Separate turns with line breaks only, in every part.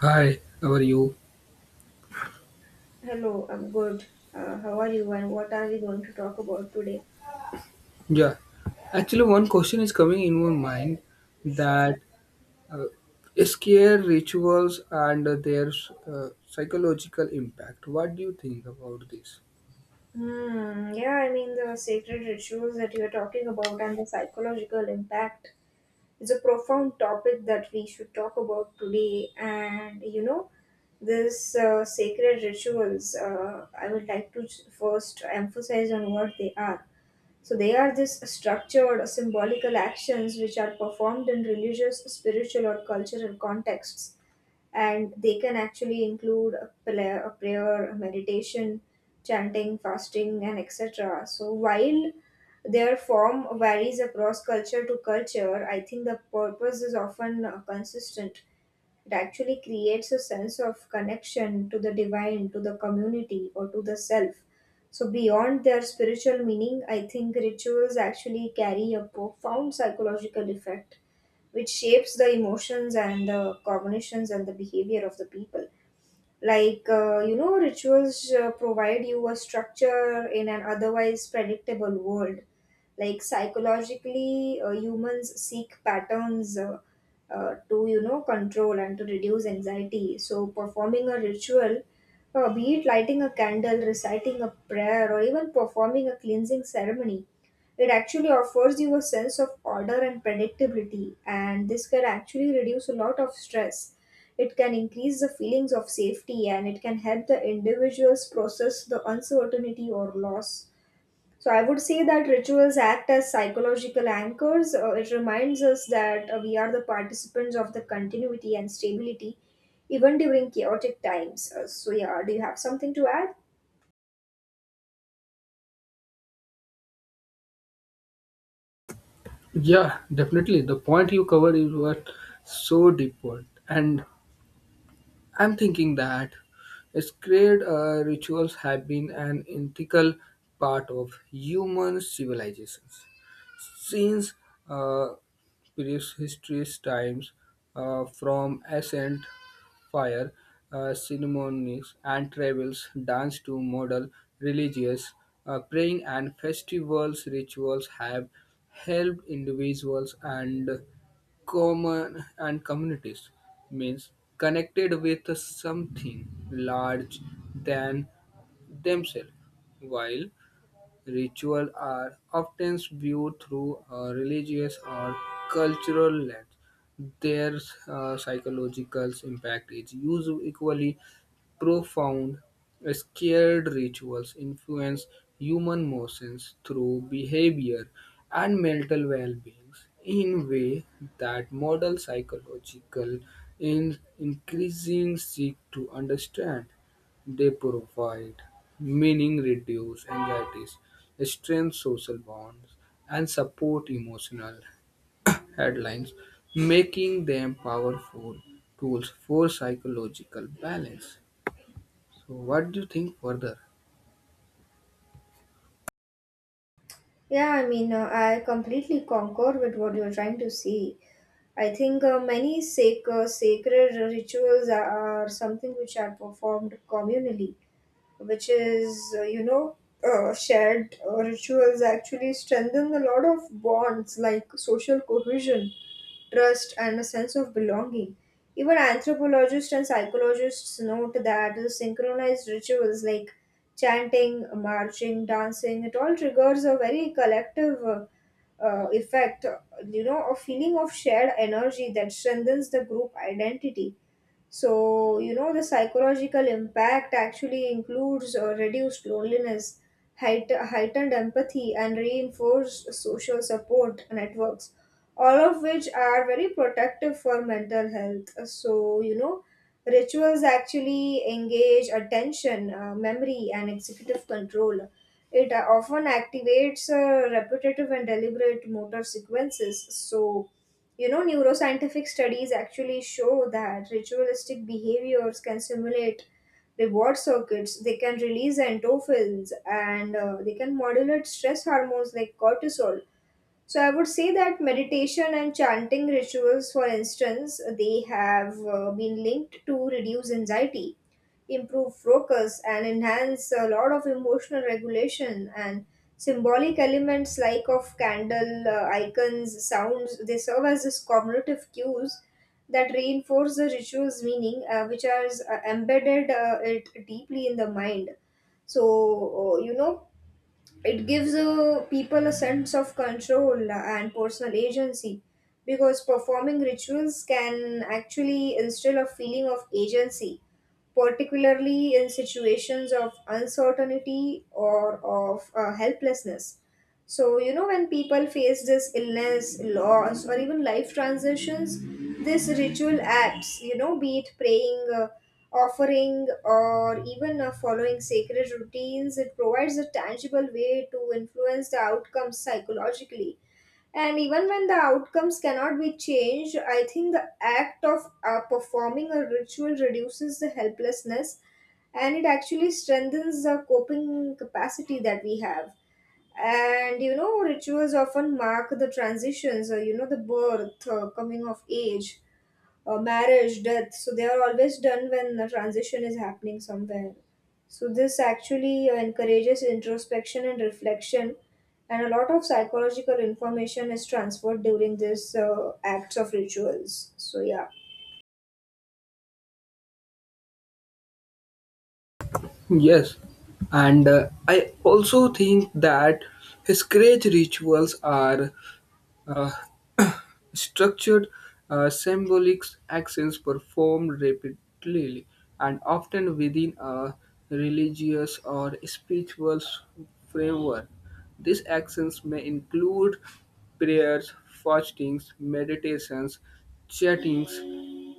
Hi, how are you?
Hello, I'm good. How are you and what are we going to talk about today?
Yeah, actually, one question is coming in my mind
Sure.
that uh, scare rituals and their psychological impact. What do you think about this?
Yeah, I mean, the sacred rituals that you are talking about and the psychological impact is a profound topic that we should talk about today. And you know, this sacred rituals, I would like to first emphasize on what they are. So, they are these structured, symbolical actions which are performed in religious, spiritual, or cultural contexts, and they can actually include a prayer, a meditation, chanting, fasting, and etc. So while their form varies across culture to culture, I think the purpose is often consistent. It actually creates a sense of connection to the divine, to the community, or to the self. So beyond their spiritual meaning, I think rituals actually carry a profound psychological effect which shapes the emotions and the cognitions and the behavior of the people. Like rituals provide you a structure in an otherwise predictable world. Like psychologically, humans seek patterns, to control and to reduce anxiety. So performing a ritual, be it lighting a candle, reciting a prayer, or even performing a cleansing ceremony, it actually offers you a sense of order and predictability, and this can actually reduce a lot of stress. It can increase the feelings of safety and it can help the individuals process the uncertainty or loss. So, I would say that rituals act as psychological anchors. It reminds us that we are the participants of the continuity and stability, even during chaotic times. So, yeah, do you have something to add?
Yeah, definitely. The point you covered is what so deep point, and I'm thinking that sacred rituals have been an integral part of human civilizations since uh, prehistoric times, from ancient fire ceremonies and travels, dance to model religious praying and festivals rituals have helped individuals and common and communities means connected with something large than themselves while rituals are often viewed through a religious or cultural lens. Their psychological impact is usually equally profound, sacred rituals influence human emotions through behavior and mental well-being in way that modern psychological in increasing seek to understand. They provide meaning, reduce anxieties, strengthen social bonds, and support emotional headlines, making them powerful tools for psychological balance. So, what do you think further?
Yeah, I mean, I completely concur with what you're trying to say. I think many sacred rituals are something which are performed communally, which is, shared rituals actually strengthen a lot of bonds like social cohesion, trust, and a sense of belonging. Even anthropologists and psychologists note that the synchronized rituals like chanting, marching, dancing, it all triggers a very collective effect, you know, a feeling of shared energy that strengthens the group identity. So, you know, the psychological impact actually includes reduced loneliness, heightened empathy, and reinforced social support networks, all of which are very protective for mental health. So, you know, rituals actually engage attention, memory, and executive control. It often activates repetitive and deliberate motor sequences. So, you know, neuroscientific studies actually show that ritualistic behaviors can simulate reward circuits, they can release endorphins, and they can modulate stress hormones like cortisol. So I would say that meditation and chanting rituals, for instance, they have been linked to reduce anxiety, improve focus, and enhance a lot of emotional regulation and symbolic elements like of candle, icons, sounds. They serve as this cognitive cues that reinforce the ritual's meaning, which are embedded it deeply in the mind. So it gives people a sense of control and personal agency because performing rituals can actually instill a feeling of agency, particularly in situations of uncertainty or of helplessness. So, you know, when people face this illness, loss, or even life transitions, this ritual acts, you know, be it praying, offering, or even following sacred routines, it provides a tangible way to influence the outcomes psychologically. And even when the outcomes cannot be changed, I think the act of performing a ritual reduces the helplessness and it actually strengthens the coping capacity that we have. And you know, rituals often mark the transitions, you know, the birth, coming of age, marriage, death. So they are always done when the transition is happening somewhere. So this actually encourages introspection and reflection, and a lot of psychological information is transferred during this acts of rituals. So yeah.
Yes, and I also think that his sacred rituals are uh, structured symbolic actions performed repeatedly and often within a religious or spiritual framework. These actions may include prayers, fastings, meditations, chantings,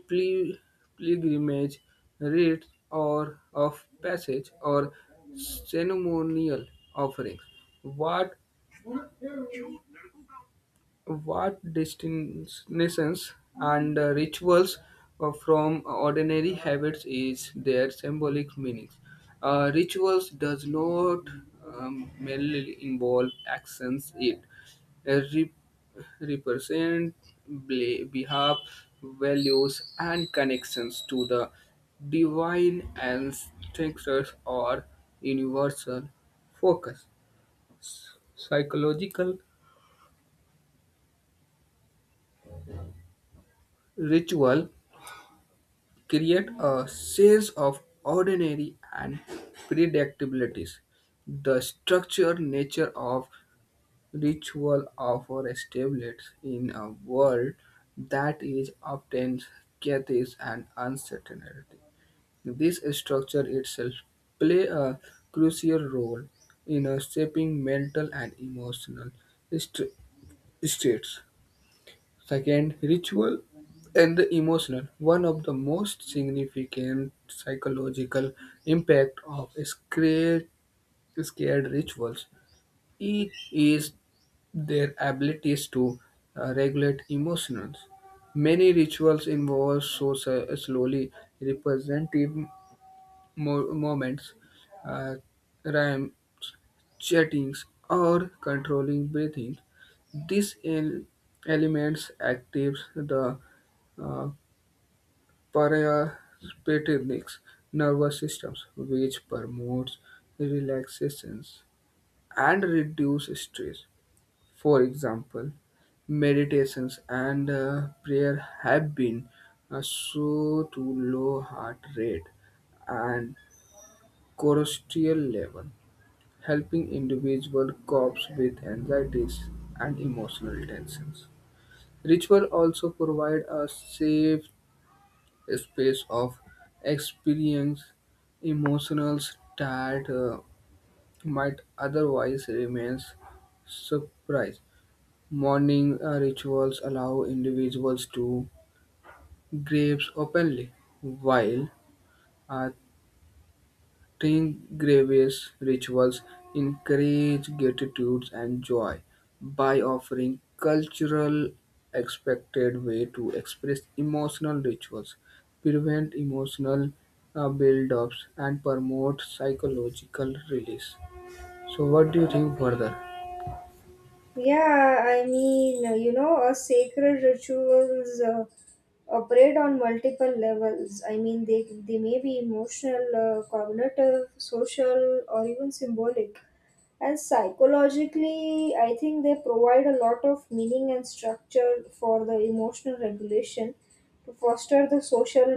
pli- pilgrimage, rites or of passage or ceremonial offerings. What what distinctions and rituals from ordinary habits is their symbolic meanings. Rituals does not merely involve actions; it uh, re- represent behalf, values, and connections to the divine ancestors or universal focus. Psychological ritual create a sense of ordinary and predictabilities. The structure nature of ritual offer stability in a world that is often chaotic and uncertainty. This structure itself play a crucial role in shaping mental and emotional st- states. Second, ritual and the emotional. One of the most significant psychological impact of scared rituals is their abilities to regulate emotions. Many rituals involve so slowly representative moments, uh, rhyme, chatting, or controlling breathing. These elements activate the uh, parasympathetic nervous systems, which promotes relaxations and reduce stress. For example, meditations and prayer have been so to low heart rate and cortisol level helping individual cope with anxieties and emotional tensions. Ritual also provide a safe space of experience emotions that might otherwise remain surprise. Morning rituals allow individuals to grieve openly, while uh, Tingrevi's rituals encourage gratitude and joy by offering cultural expected way to express emotional rituals, prevent emotional build-ups, and promote psychological release. So, what do you think further?
Yeah, I mean, a sacred rituals operate on multiple levels. I mean, they may be emotional, cognitive, social, or even symbolic. And psychologically, I think they provide a lot of meaning and structure for the emotional regulation, to foster the social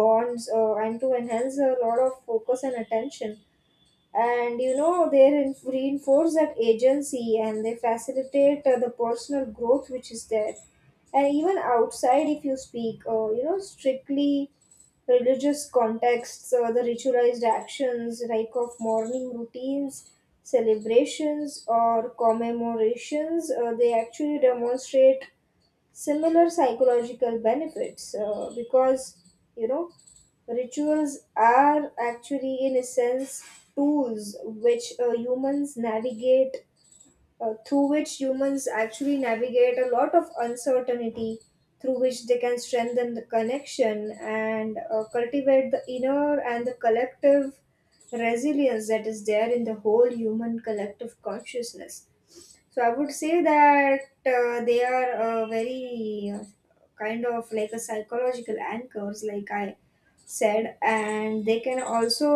bonds, and to enhance a lot of focus and attention, and you know they reinforce that agency and they facilitate the personal growth which is there. And even outside, if you speak strictly religious contexts, the ritualized actions like of morning routines, celebrations, or commemorations, they actually demonstrate similar psychological benefits, because you know, rituals are actually, in a sense, tools which humans navigate, through which humans actually navigate a lot of uncertainty, through which they can strengthen the connection and cultivate the inner and the collective resilience that is there in the whole human collective consciousness. So I would say that they are very kind of like a psychological anchors. Like I said, and they can also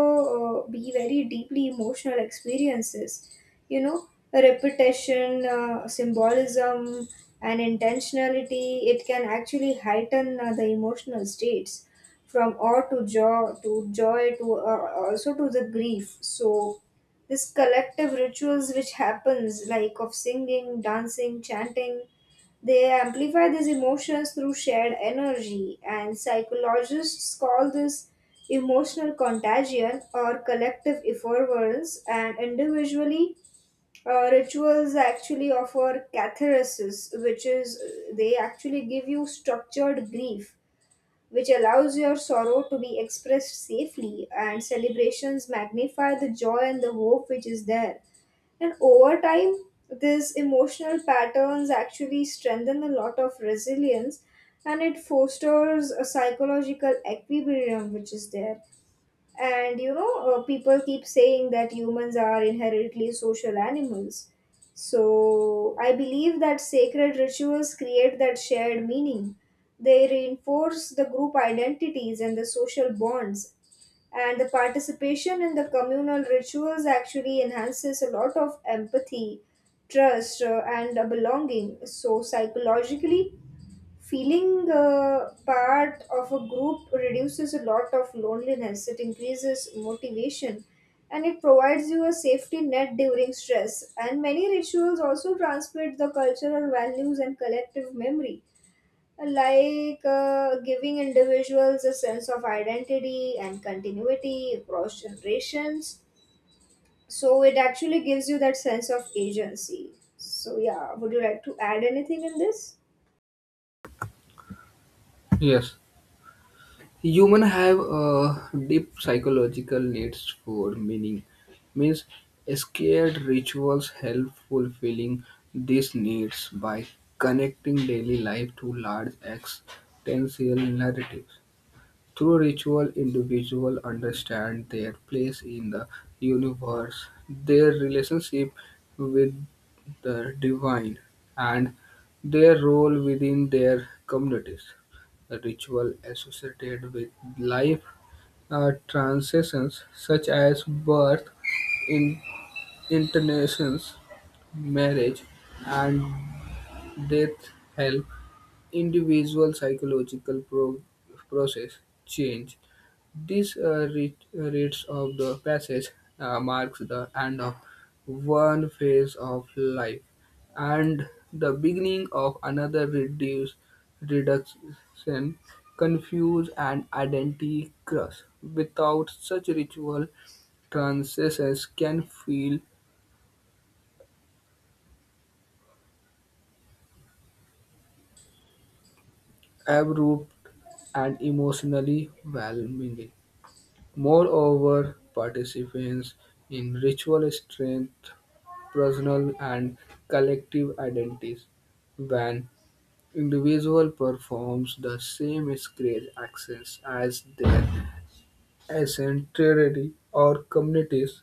be very deeply emotional experiences. You know, repetition, symbolism, and intentionality, it can actually heighten the emotional states from awe to joy to also to the grief. So this collective rituals which happens like of singing, dancing, chanting, they amplify these emotions through shared energy, and psychologists call this emotional contagion or collective effervescence. And individually, rituals actually offer catharsis, which is, they actually give you structured grief, which allows your sorrow to be expressed safely, and celebrations magnify the joy and the hope which is there. And over time, these emotional patterns actually strengthen a lot of resilience and it fosters a psychological equilibrium which is there. And you know, people keep saying that humans are inherently social animals. So I believe that sacred rituals create that shared meaning. They reinforce the group identities and the social bonds, and the participation in the communal rituals actually enhances a lot of empathy, trust, and a belonging. So psychologically, feeling part of a group reduces a lot of loneliness, it increases motivation, and it provides you a safety net during stress. And many rituals also transmit the cultural values and collective memory, like giving individuals a sense of identity and continuity across generations. So it actually gives you that sense of agency. So, yeah, would you like to add anything in this?
Yes. Humans have deep psychological needs for meaning. Means scared rituals help fulfilling these needs by connecting daily life to large existential narratives. Through ritual, individuals understand their place in the universe, their relationship with the divine, and their role within their communities. The ritual associated with life transitions such as birth, in- internations, marriage, and death help individual psychological process change this reads of the passage marks the end of one phase of life and the beginning of another reduction, confuse and identity cross. Without such ritual, transitions can feel abrupt and emotionally overwhelming. Moreover, participants in ritual strengthen personal and collective identities. When individual performs the same sacred actions as their ancestry or communities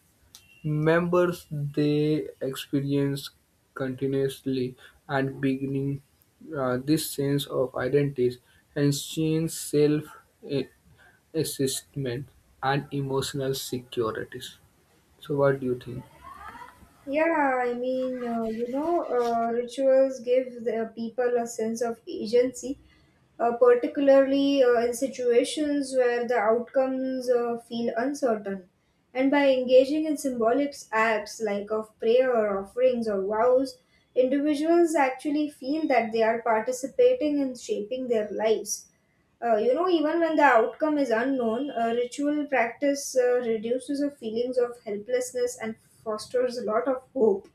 members, they experience continuously and beginning this sense of identity and change self eh, assessment and emotional securities. So, what do you think?
Yeah, I mean, rituals give the people a sense of agency, particularly in situations where the outcomes feel uncertain. And by engaging in symbolic acts like of prayer, offerings, or vows, individuals actually feel that they are participating in shaping their lives. You know, even when the outcome is unknown, a ritual practice reduces the feelings of helplessness and fosters a lot of hope.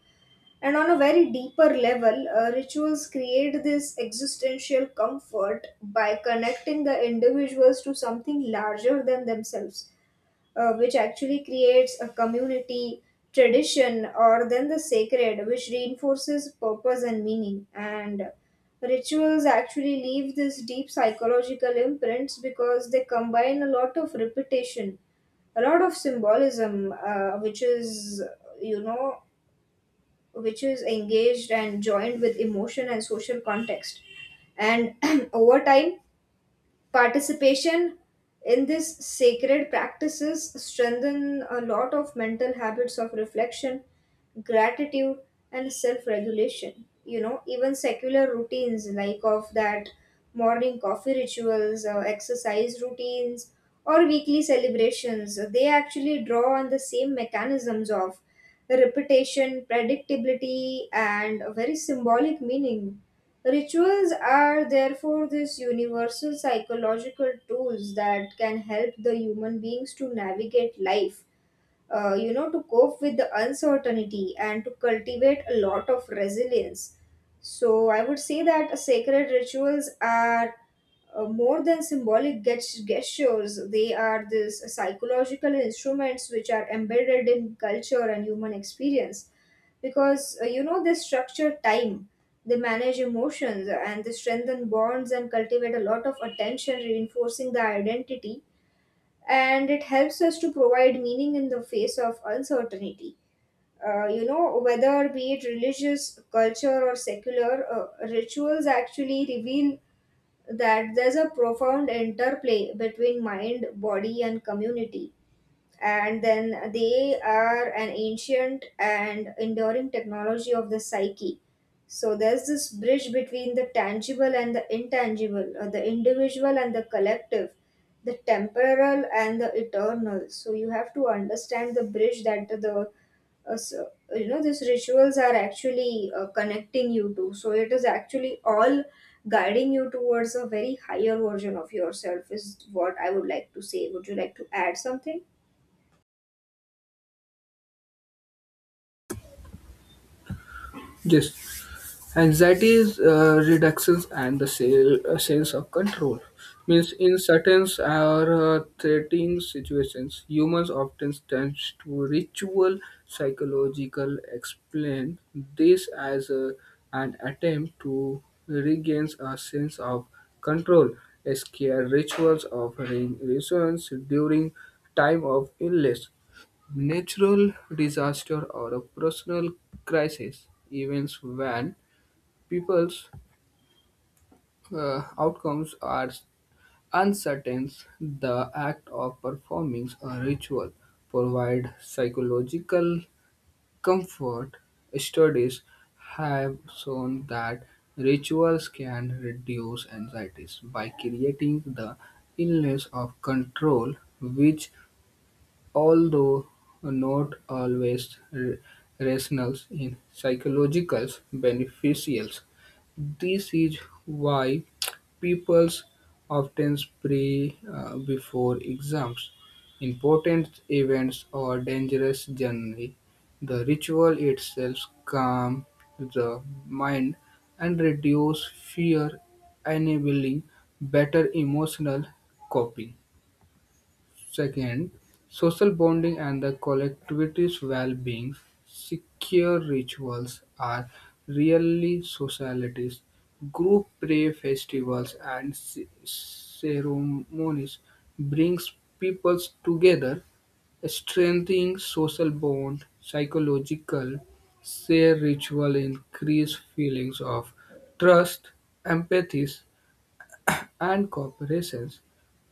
And on a very deeper level, rituals create this existential comfort by connecting the individuals to something larger than themselves, which actually creates a community, tradition, or then the sacred, which reinforces purpose and meaning. And rituals actually leave this deep psychological imprints because they combine a lot of repetition, a lot of symbolism, you know which is engaged and joined with emotion and social context. And over time, participation in these sacred practices strengthen a lot of mental habits of reflection, gratitude, and self-regulation. You know, even secular routines like of that morning coffee rituals, exercise routines, or weekly celebrations, they actually draw on the same mechanisms of repetition, predictability, and a very symbolic meaning. Rituals are therefore these universal psychological tools that can help the human beings to navigate life, to cope with the uncertainty and to cultivate a lot of resilience. So I would say that sacred rituals are more than symbolic gestures. They are these psychological instruments which are embedded in culture and human experience, because they structure time, they manage emotions, and they strengthen bonds and cultivate a lot of attention, reinforcing the identity, and it helps us to provide meaning in the face of uncertainty. You know, whether be it religious, culture, or secular, rituals actually reveal that there's a profound interplay between mind, body, and community, and then they are an ancient and enduring technology of the psyche. So there's this bridge between the tangible and the intangible, or the individual and the collective, the temporal and the eternal. So you have to understand the bridge that the uh, so, these rituals are actually connecting you to. So it is actually all guiding you towards a very higher version of yourself is what I would like to say. Would you like to add something?
Yes, anxiety is reductions and the sense of control. Means in certain or threatening situations, humans often tend to ritual psychological explain this as an attempt to regain a sense of control. Scare rituals of reasons during time of illness natural disaster or a personal crisis, events when people's outcomes are uncertain, the act of performing a ritual provide psychological comfort. Studies have shown that rituals can reduce anxieties by creating the illness of control, which although not always rational in psychological beneficials, this is why people often pray before exams, important events, or dangerous journey. The ritual itself calms the mind and reduces fear, enabling better emotional coping. Second, social bonding and the collectivity's well-being. Secure rituals are really socialities. Group prayer festivals and ceremonies brings peoples together, strengthening social bond, psychological share ritual increase feelings of trust, empathy, and corporations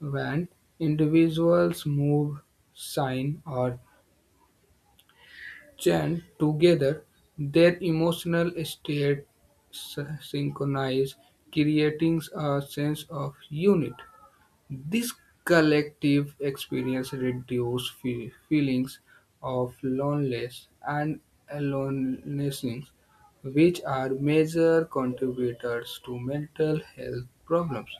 when individuals move, sign, or chant together, their emotional state synchronize, creating a sense of unit. This collective experience reduces feelings of loneliness and aloneness, which are major contributors to mental health problems.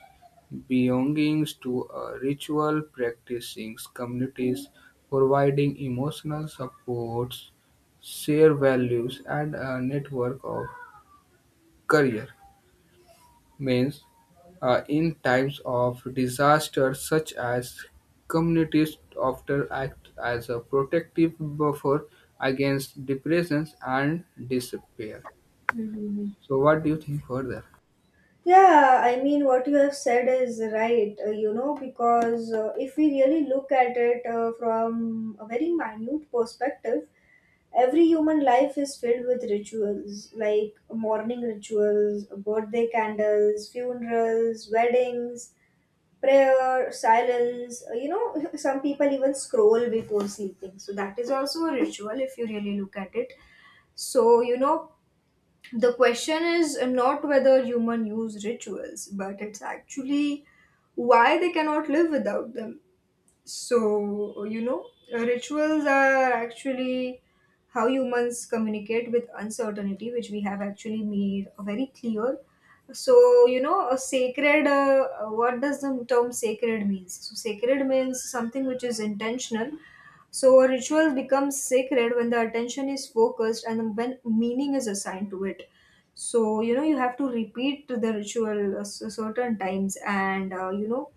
Belongings to a ritual practicing communities providing emotional supports, shared values, and a network of career means, in times of disaster such as communities often act as a protective buffer against depressions and despair.
Mhm.
So, what do you think further?
Yeah, I mean, what you have said is right, you know, because if we really look at it from a very minute perspective, every human life is filled with rituals like morning rituals, birthday candles, funerals, weddings, prayer, silence. You know, some people even scroll before sleeping. So, that is also a ritual if you really look at it. So, you know, the question is not whether human use rituals, but it's actually why they cannot live without them. So, you know, rituals are actually how humans communicate with uncertainty, which we have actually made very clear. So, you know, a sacred, what does the term sacred means? So, sacred means something which is intentional. So, a ritual becomes sacred when the attention is focused and when meaning is assigned to it. So, you know, you have to repeat the ritual certain times and, you know,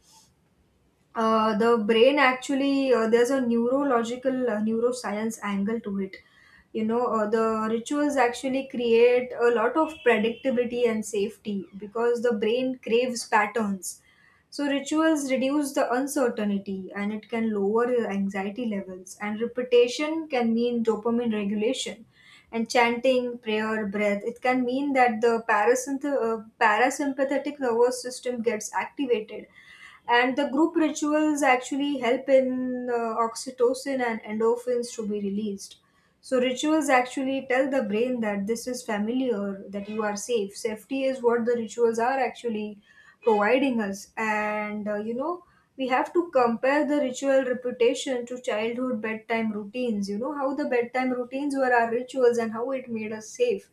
the brain actually there's a neurological neuroscience angle to it. You know, the rituals actually create a lot of predictability and safety because the brain craves patterns. So rituals reduce the uncertainty and it can lower your anxiety levels, and repetition can mean dopamine regulation, and chanting prayer breath, it can mean that the parasympathetic nervous system gets activated, and the group rituals actually help in oxytocin and endorphins to be released. So rituals actually tell the brain that this is familiar, that you are safe. Safety is what the rituals are actually providing us. And you know, we have to compare the ritual reputation to childhood bedtime routines. You know how the bedtime routines were our rituals and how it made us safe,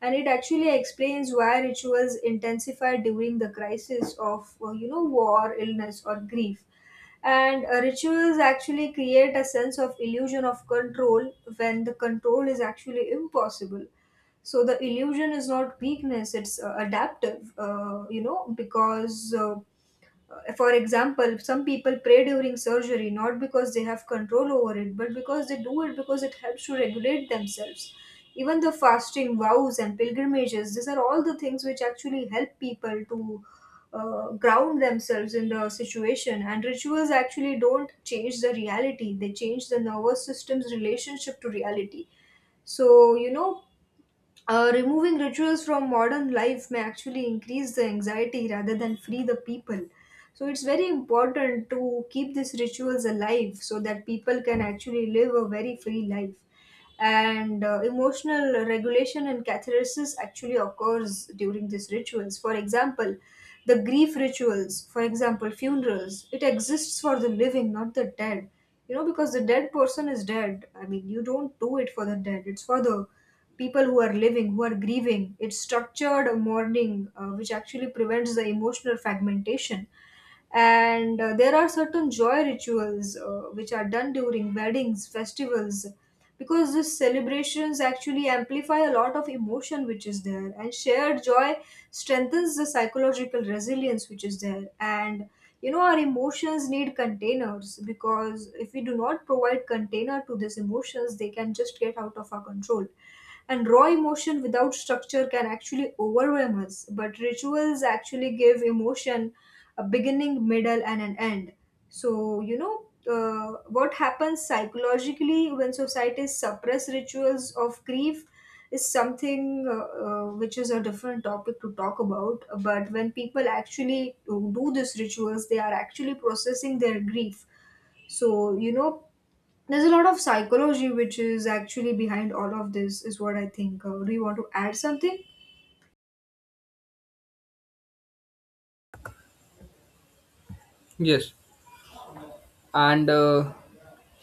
and it actually explains why rituals intensify during the crisis of you know, war, illness, or grief. And rituals actually create a sense of illusion of control when the control is actually impossible. So the illusion is not weakness, it's adaptive. You know, because for example, some people pray during surgery not because they have control over it, but because they do it because it helps to regulate themselves. Even the fasting, vows, and pilgrimages, these are all the things which actually help people to ground themselves in the situation. And rituals actually don't change the reality, they change the nervous system's relationship to reality. So, you know, removing rituals from modern life may actually increase the anxiety rather than free the people. So it's very important to keep these rituals alive so that people can actually live a very free life. And emotional regulation and catharsis actually occurs during these rituals. For example, the grief rituals, for example, funerals, it exists for the living, not the dead. You know, because the dead person is dead. I mean, you don't do it for the dead. It's for the people who are living, who are grieving. It's structured mourning, which actually prevents the emotional fragmentation. And there are certain joy rituals which are done during weddings, festivals, because these celebrations actually amplify a lot of emotion which is there. And shared joy strengthens the psychological resilience which is there. And you know, our emotions need containers, because if we do not provide container to these emotions, they can just get out of our control, and raw emotion without structure can actually overwhelm us. But rituals actually give emotion a beginning, middle, and an end. So, you know, what happens psychologically when societies suppress rituals of grief is something which is a different topic to talk about. But when people actually do these rituals, they are actually processing their grief. So, you know, there's a lot of psychology which is actually behind all of this, is what I think. Do you want to add something?
Yes, and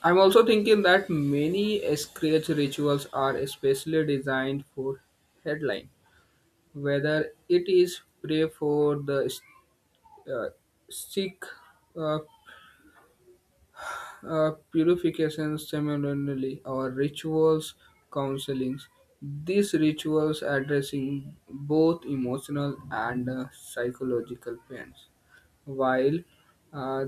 I'm also thinking that many scratch rituals are especially designed for headline, whether it is pray for the uh, sick, uh, purifications, ceremonially or rituals, counselings. These rituals addressing both emotional and psychological pains, while uh,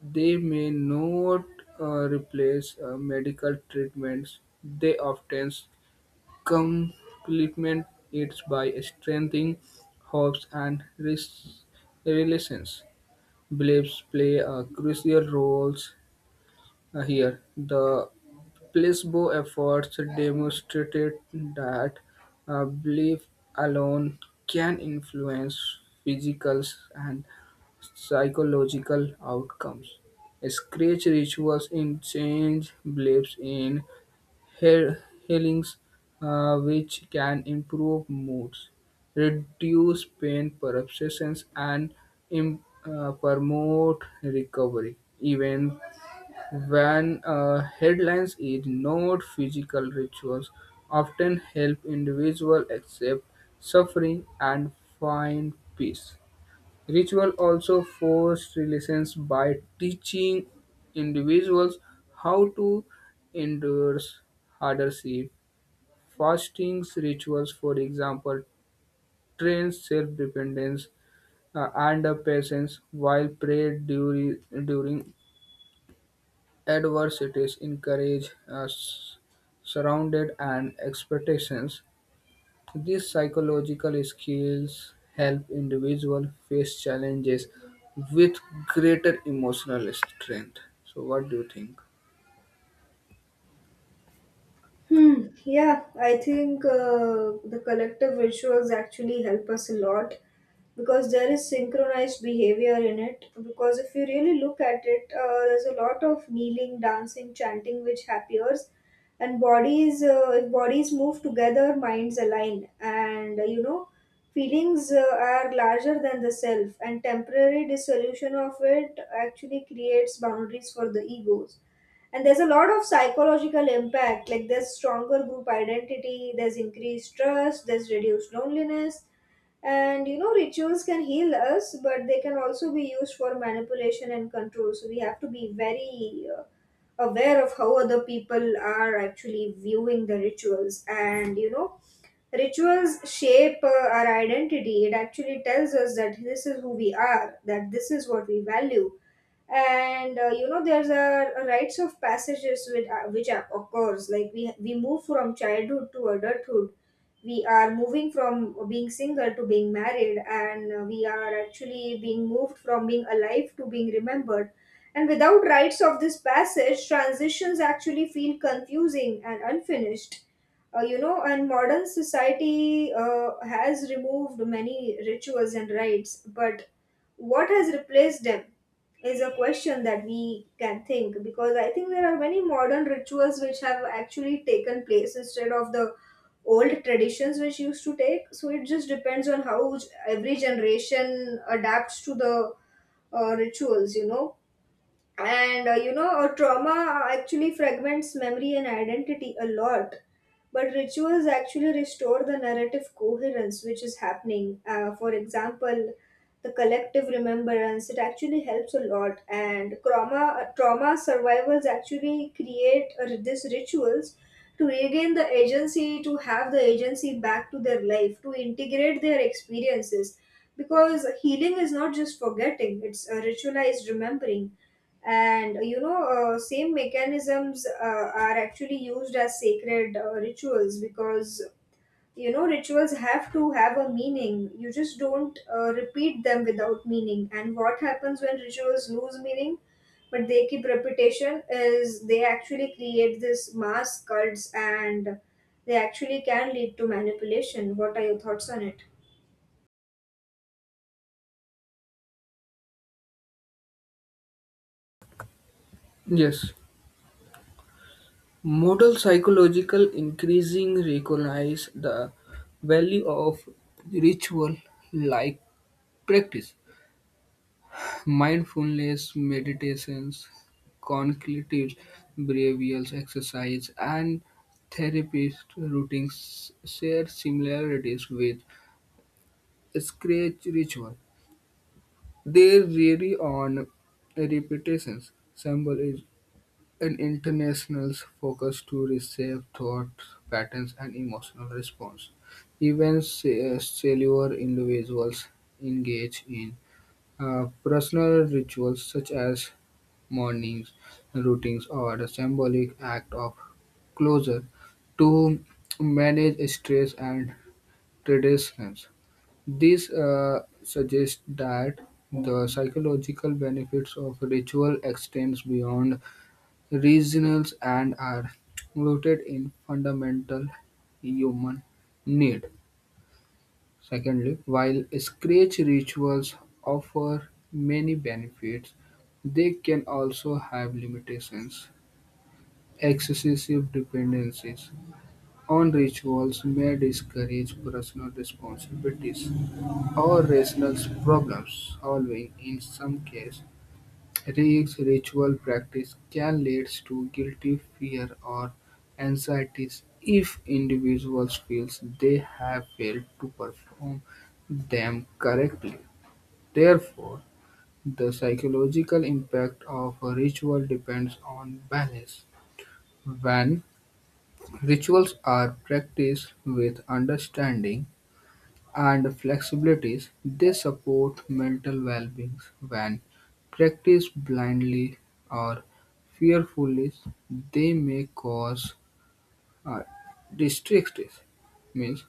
they may not replace medical treatments, they often complement it by strengthening hopes and relations. Beliefs play a crucial roles here, the placebo efforts demonstrated that belief alone can influence physical and psychological outcomes. Scratch rituals in change beliefs in heal- healings, which can improve moods, reduce pain perceptions, and promote recovery. Even when a headlines is ignored, physical rituals often help individuals accept suffering and find peace. Ritual also force relations by teaching individuals how to endure hardship. Fasting rituals, for example, train self-dependence and patience, while prayer during adversities encourage us surrounded and expectations. These psychological skills help individuals face challenges with greater emotional strength. So what do you think?
Hmm. Yeah, I think the collective rituals actually help us a lot because there is synchronized behavior in it. Because if you really look at it, there's a lot of kneeling, dancing, chanting which appears, and bodies. If bodies move together, minds align, and you know, feelings are larger than the self. And temporary dissolution of it actually creates boundaries for the egos, and there's a lot of psychological impact, like there's stronger group identity, there's increased trust, there's reduced loneliness. And you know, rituals can heal us, but they can also be used for manipulation and control, so we have to be very aware of how other people are actually viewing the rituals. And you know, rituals shape our identity. It actually tells us that this is who we are, that this is what we value. And you know, there's a rites of passages which occurs. Like we move from childhood to adulthood, we are moving from being single to being married, and we are actually being moved from being alive to being remembered. And without rites of this passage, transitions actually feel confusing and unfinished. You know, and modern society has removed many rituals and rites, but what has replaced them is a question that we can think, because I think there are many modern rituals which have actually taken place instead of the old traditions which used to take. So it just depends on how every generation adapts to the rituals, you know. And you know, a trauma actually fragments memory and identity a lot, but rituals actually restore the narrative coherence which is happening. For example, the collective remembrance, it actually helps a lot. And trauma survivors actually create these rituals to regain the agency, to have the agency back to their life, to integrate their experiences, because healing is not just forgetting, it's a ritualized remembering. And you know, same mechanisms are actually used as sacred rituals, because you know, rituals have to have a meaning. You just don't repeat them without meaning. And what happens when rituals lose meaning but they keep reputation is they actually create this mass cults, and they actually can lead to manipulation. What are your thoughts on it?
Yes. Modal psychological increasing recognize the value of ritual like practice mindfulness meditations, cognitive behavioral exercise, and therapist routines share similarities with scratch ritual. They rely on repetitions. Symbol is an international focus to reshape thought patterns and emotional response. Even cellular individuals engage in personal rituals such as mornings, routines or a symbolic act of closure to manage stress and traditions. This suggests that the psychological benefits of ritual extends beyond regions and are rooted in fundamental human need. Secondly, while scratch rituals offer many benefits, they can also have limitations. Excessive dependencies on rituals may discourage personal responsibilities or rational problem-solving; in some cases, rigged ritual practice can lead to guilty fear, or anxieties if individuals feel they have failed to perform them correctly. Therefore, the psychological impact of a ritual depends on balance. When rituals are practiced with understanding and flexibilities, they support mental well-being when practiced blindly or fearfully. They may cause uh, districts. Means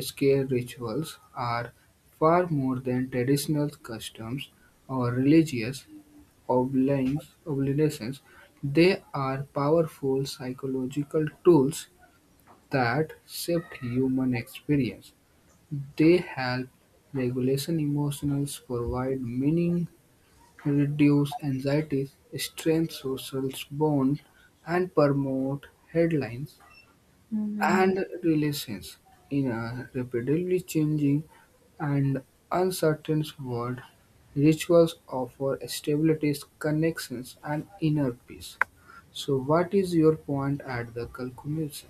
scare rituals are far more than traditional customs or religious obligations. They are powerful psychological tools that shift human experience. They help regulate emotions, provide meaning, reduce anxieties, strengthen social bonds, and promote headlines and relations in a rapidly changing and uncertain world. Rituals offer stability, connections, and inner peace. So, what is your point at the conclusion?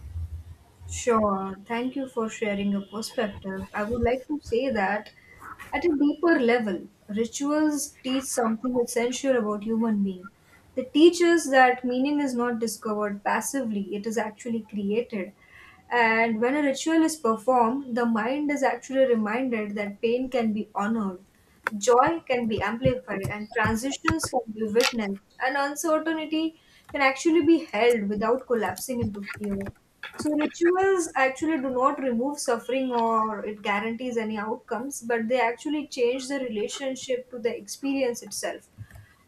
Sure. Thank you for sharing your perspective. I would like to say that at a deeper level, rituals teach something essential about human being. They teach us that meaning is not discovered passively, it is actually created. And when a ritual is performed, the mind is actually reminded that pain can be honored. Joy can be amplified and transitions can be witnessed, and uncertainty can actually be held without collapsing into fear. So, rituals actually do not remove suffering or it guarantees any outcomes, but they actually change the relationship to the experience itself,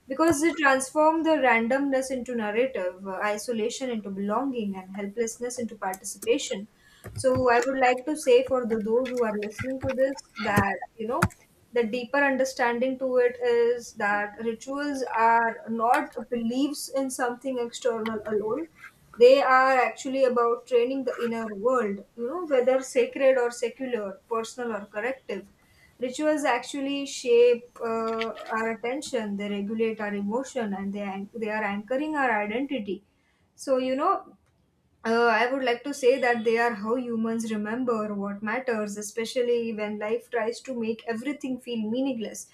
because they transform the randomness into narrative, isolation into belonging, and helplessness into participation. So I would like to say for the those who are listening to this that you know the deeper understanding to it is that rituals are not beliefs in something external alone. They are actually about training the inner world, you know, whether sacred or secular, personal or corrective. Rituals actually shape our attention, they regulate our emotion, and they are anchoring our identity. So, you know, I would like to say that they are how humans remember what matters, especially when life tries to make everything feel meaningless.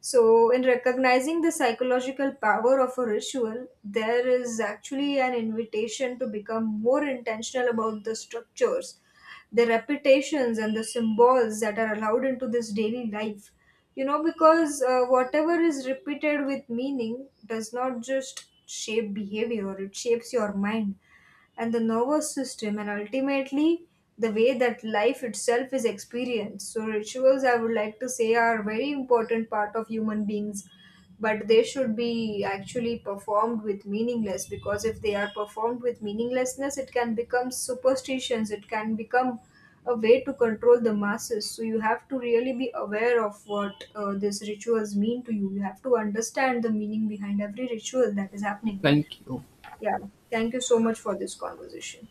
So, in recognizing the psychological power of a ritual, there is actually an invitation to become more intentional about the structures, the repetitions, and the symbols that are allowed into this daily life. You know, because whatever is repeated with meaning does not just shape behavior, it shapes your mind and the nervous system and ultimately the way that life itself is experienced. So rituals, I would like to say, are a very important part of human beings, but they should be actually performed with meaningless, because if they are performed with meaninglessness it can become superstitions, it can become a way to control the masses. So you have to really be aware of what these rituals mean to you. You have to understand the meaning behind every ritual that is happening.
Thank you.
Yeah. Thank you so much for this conversation.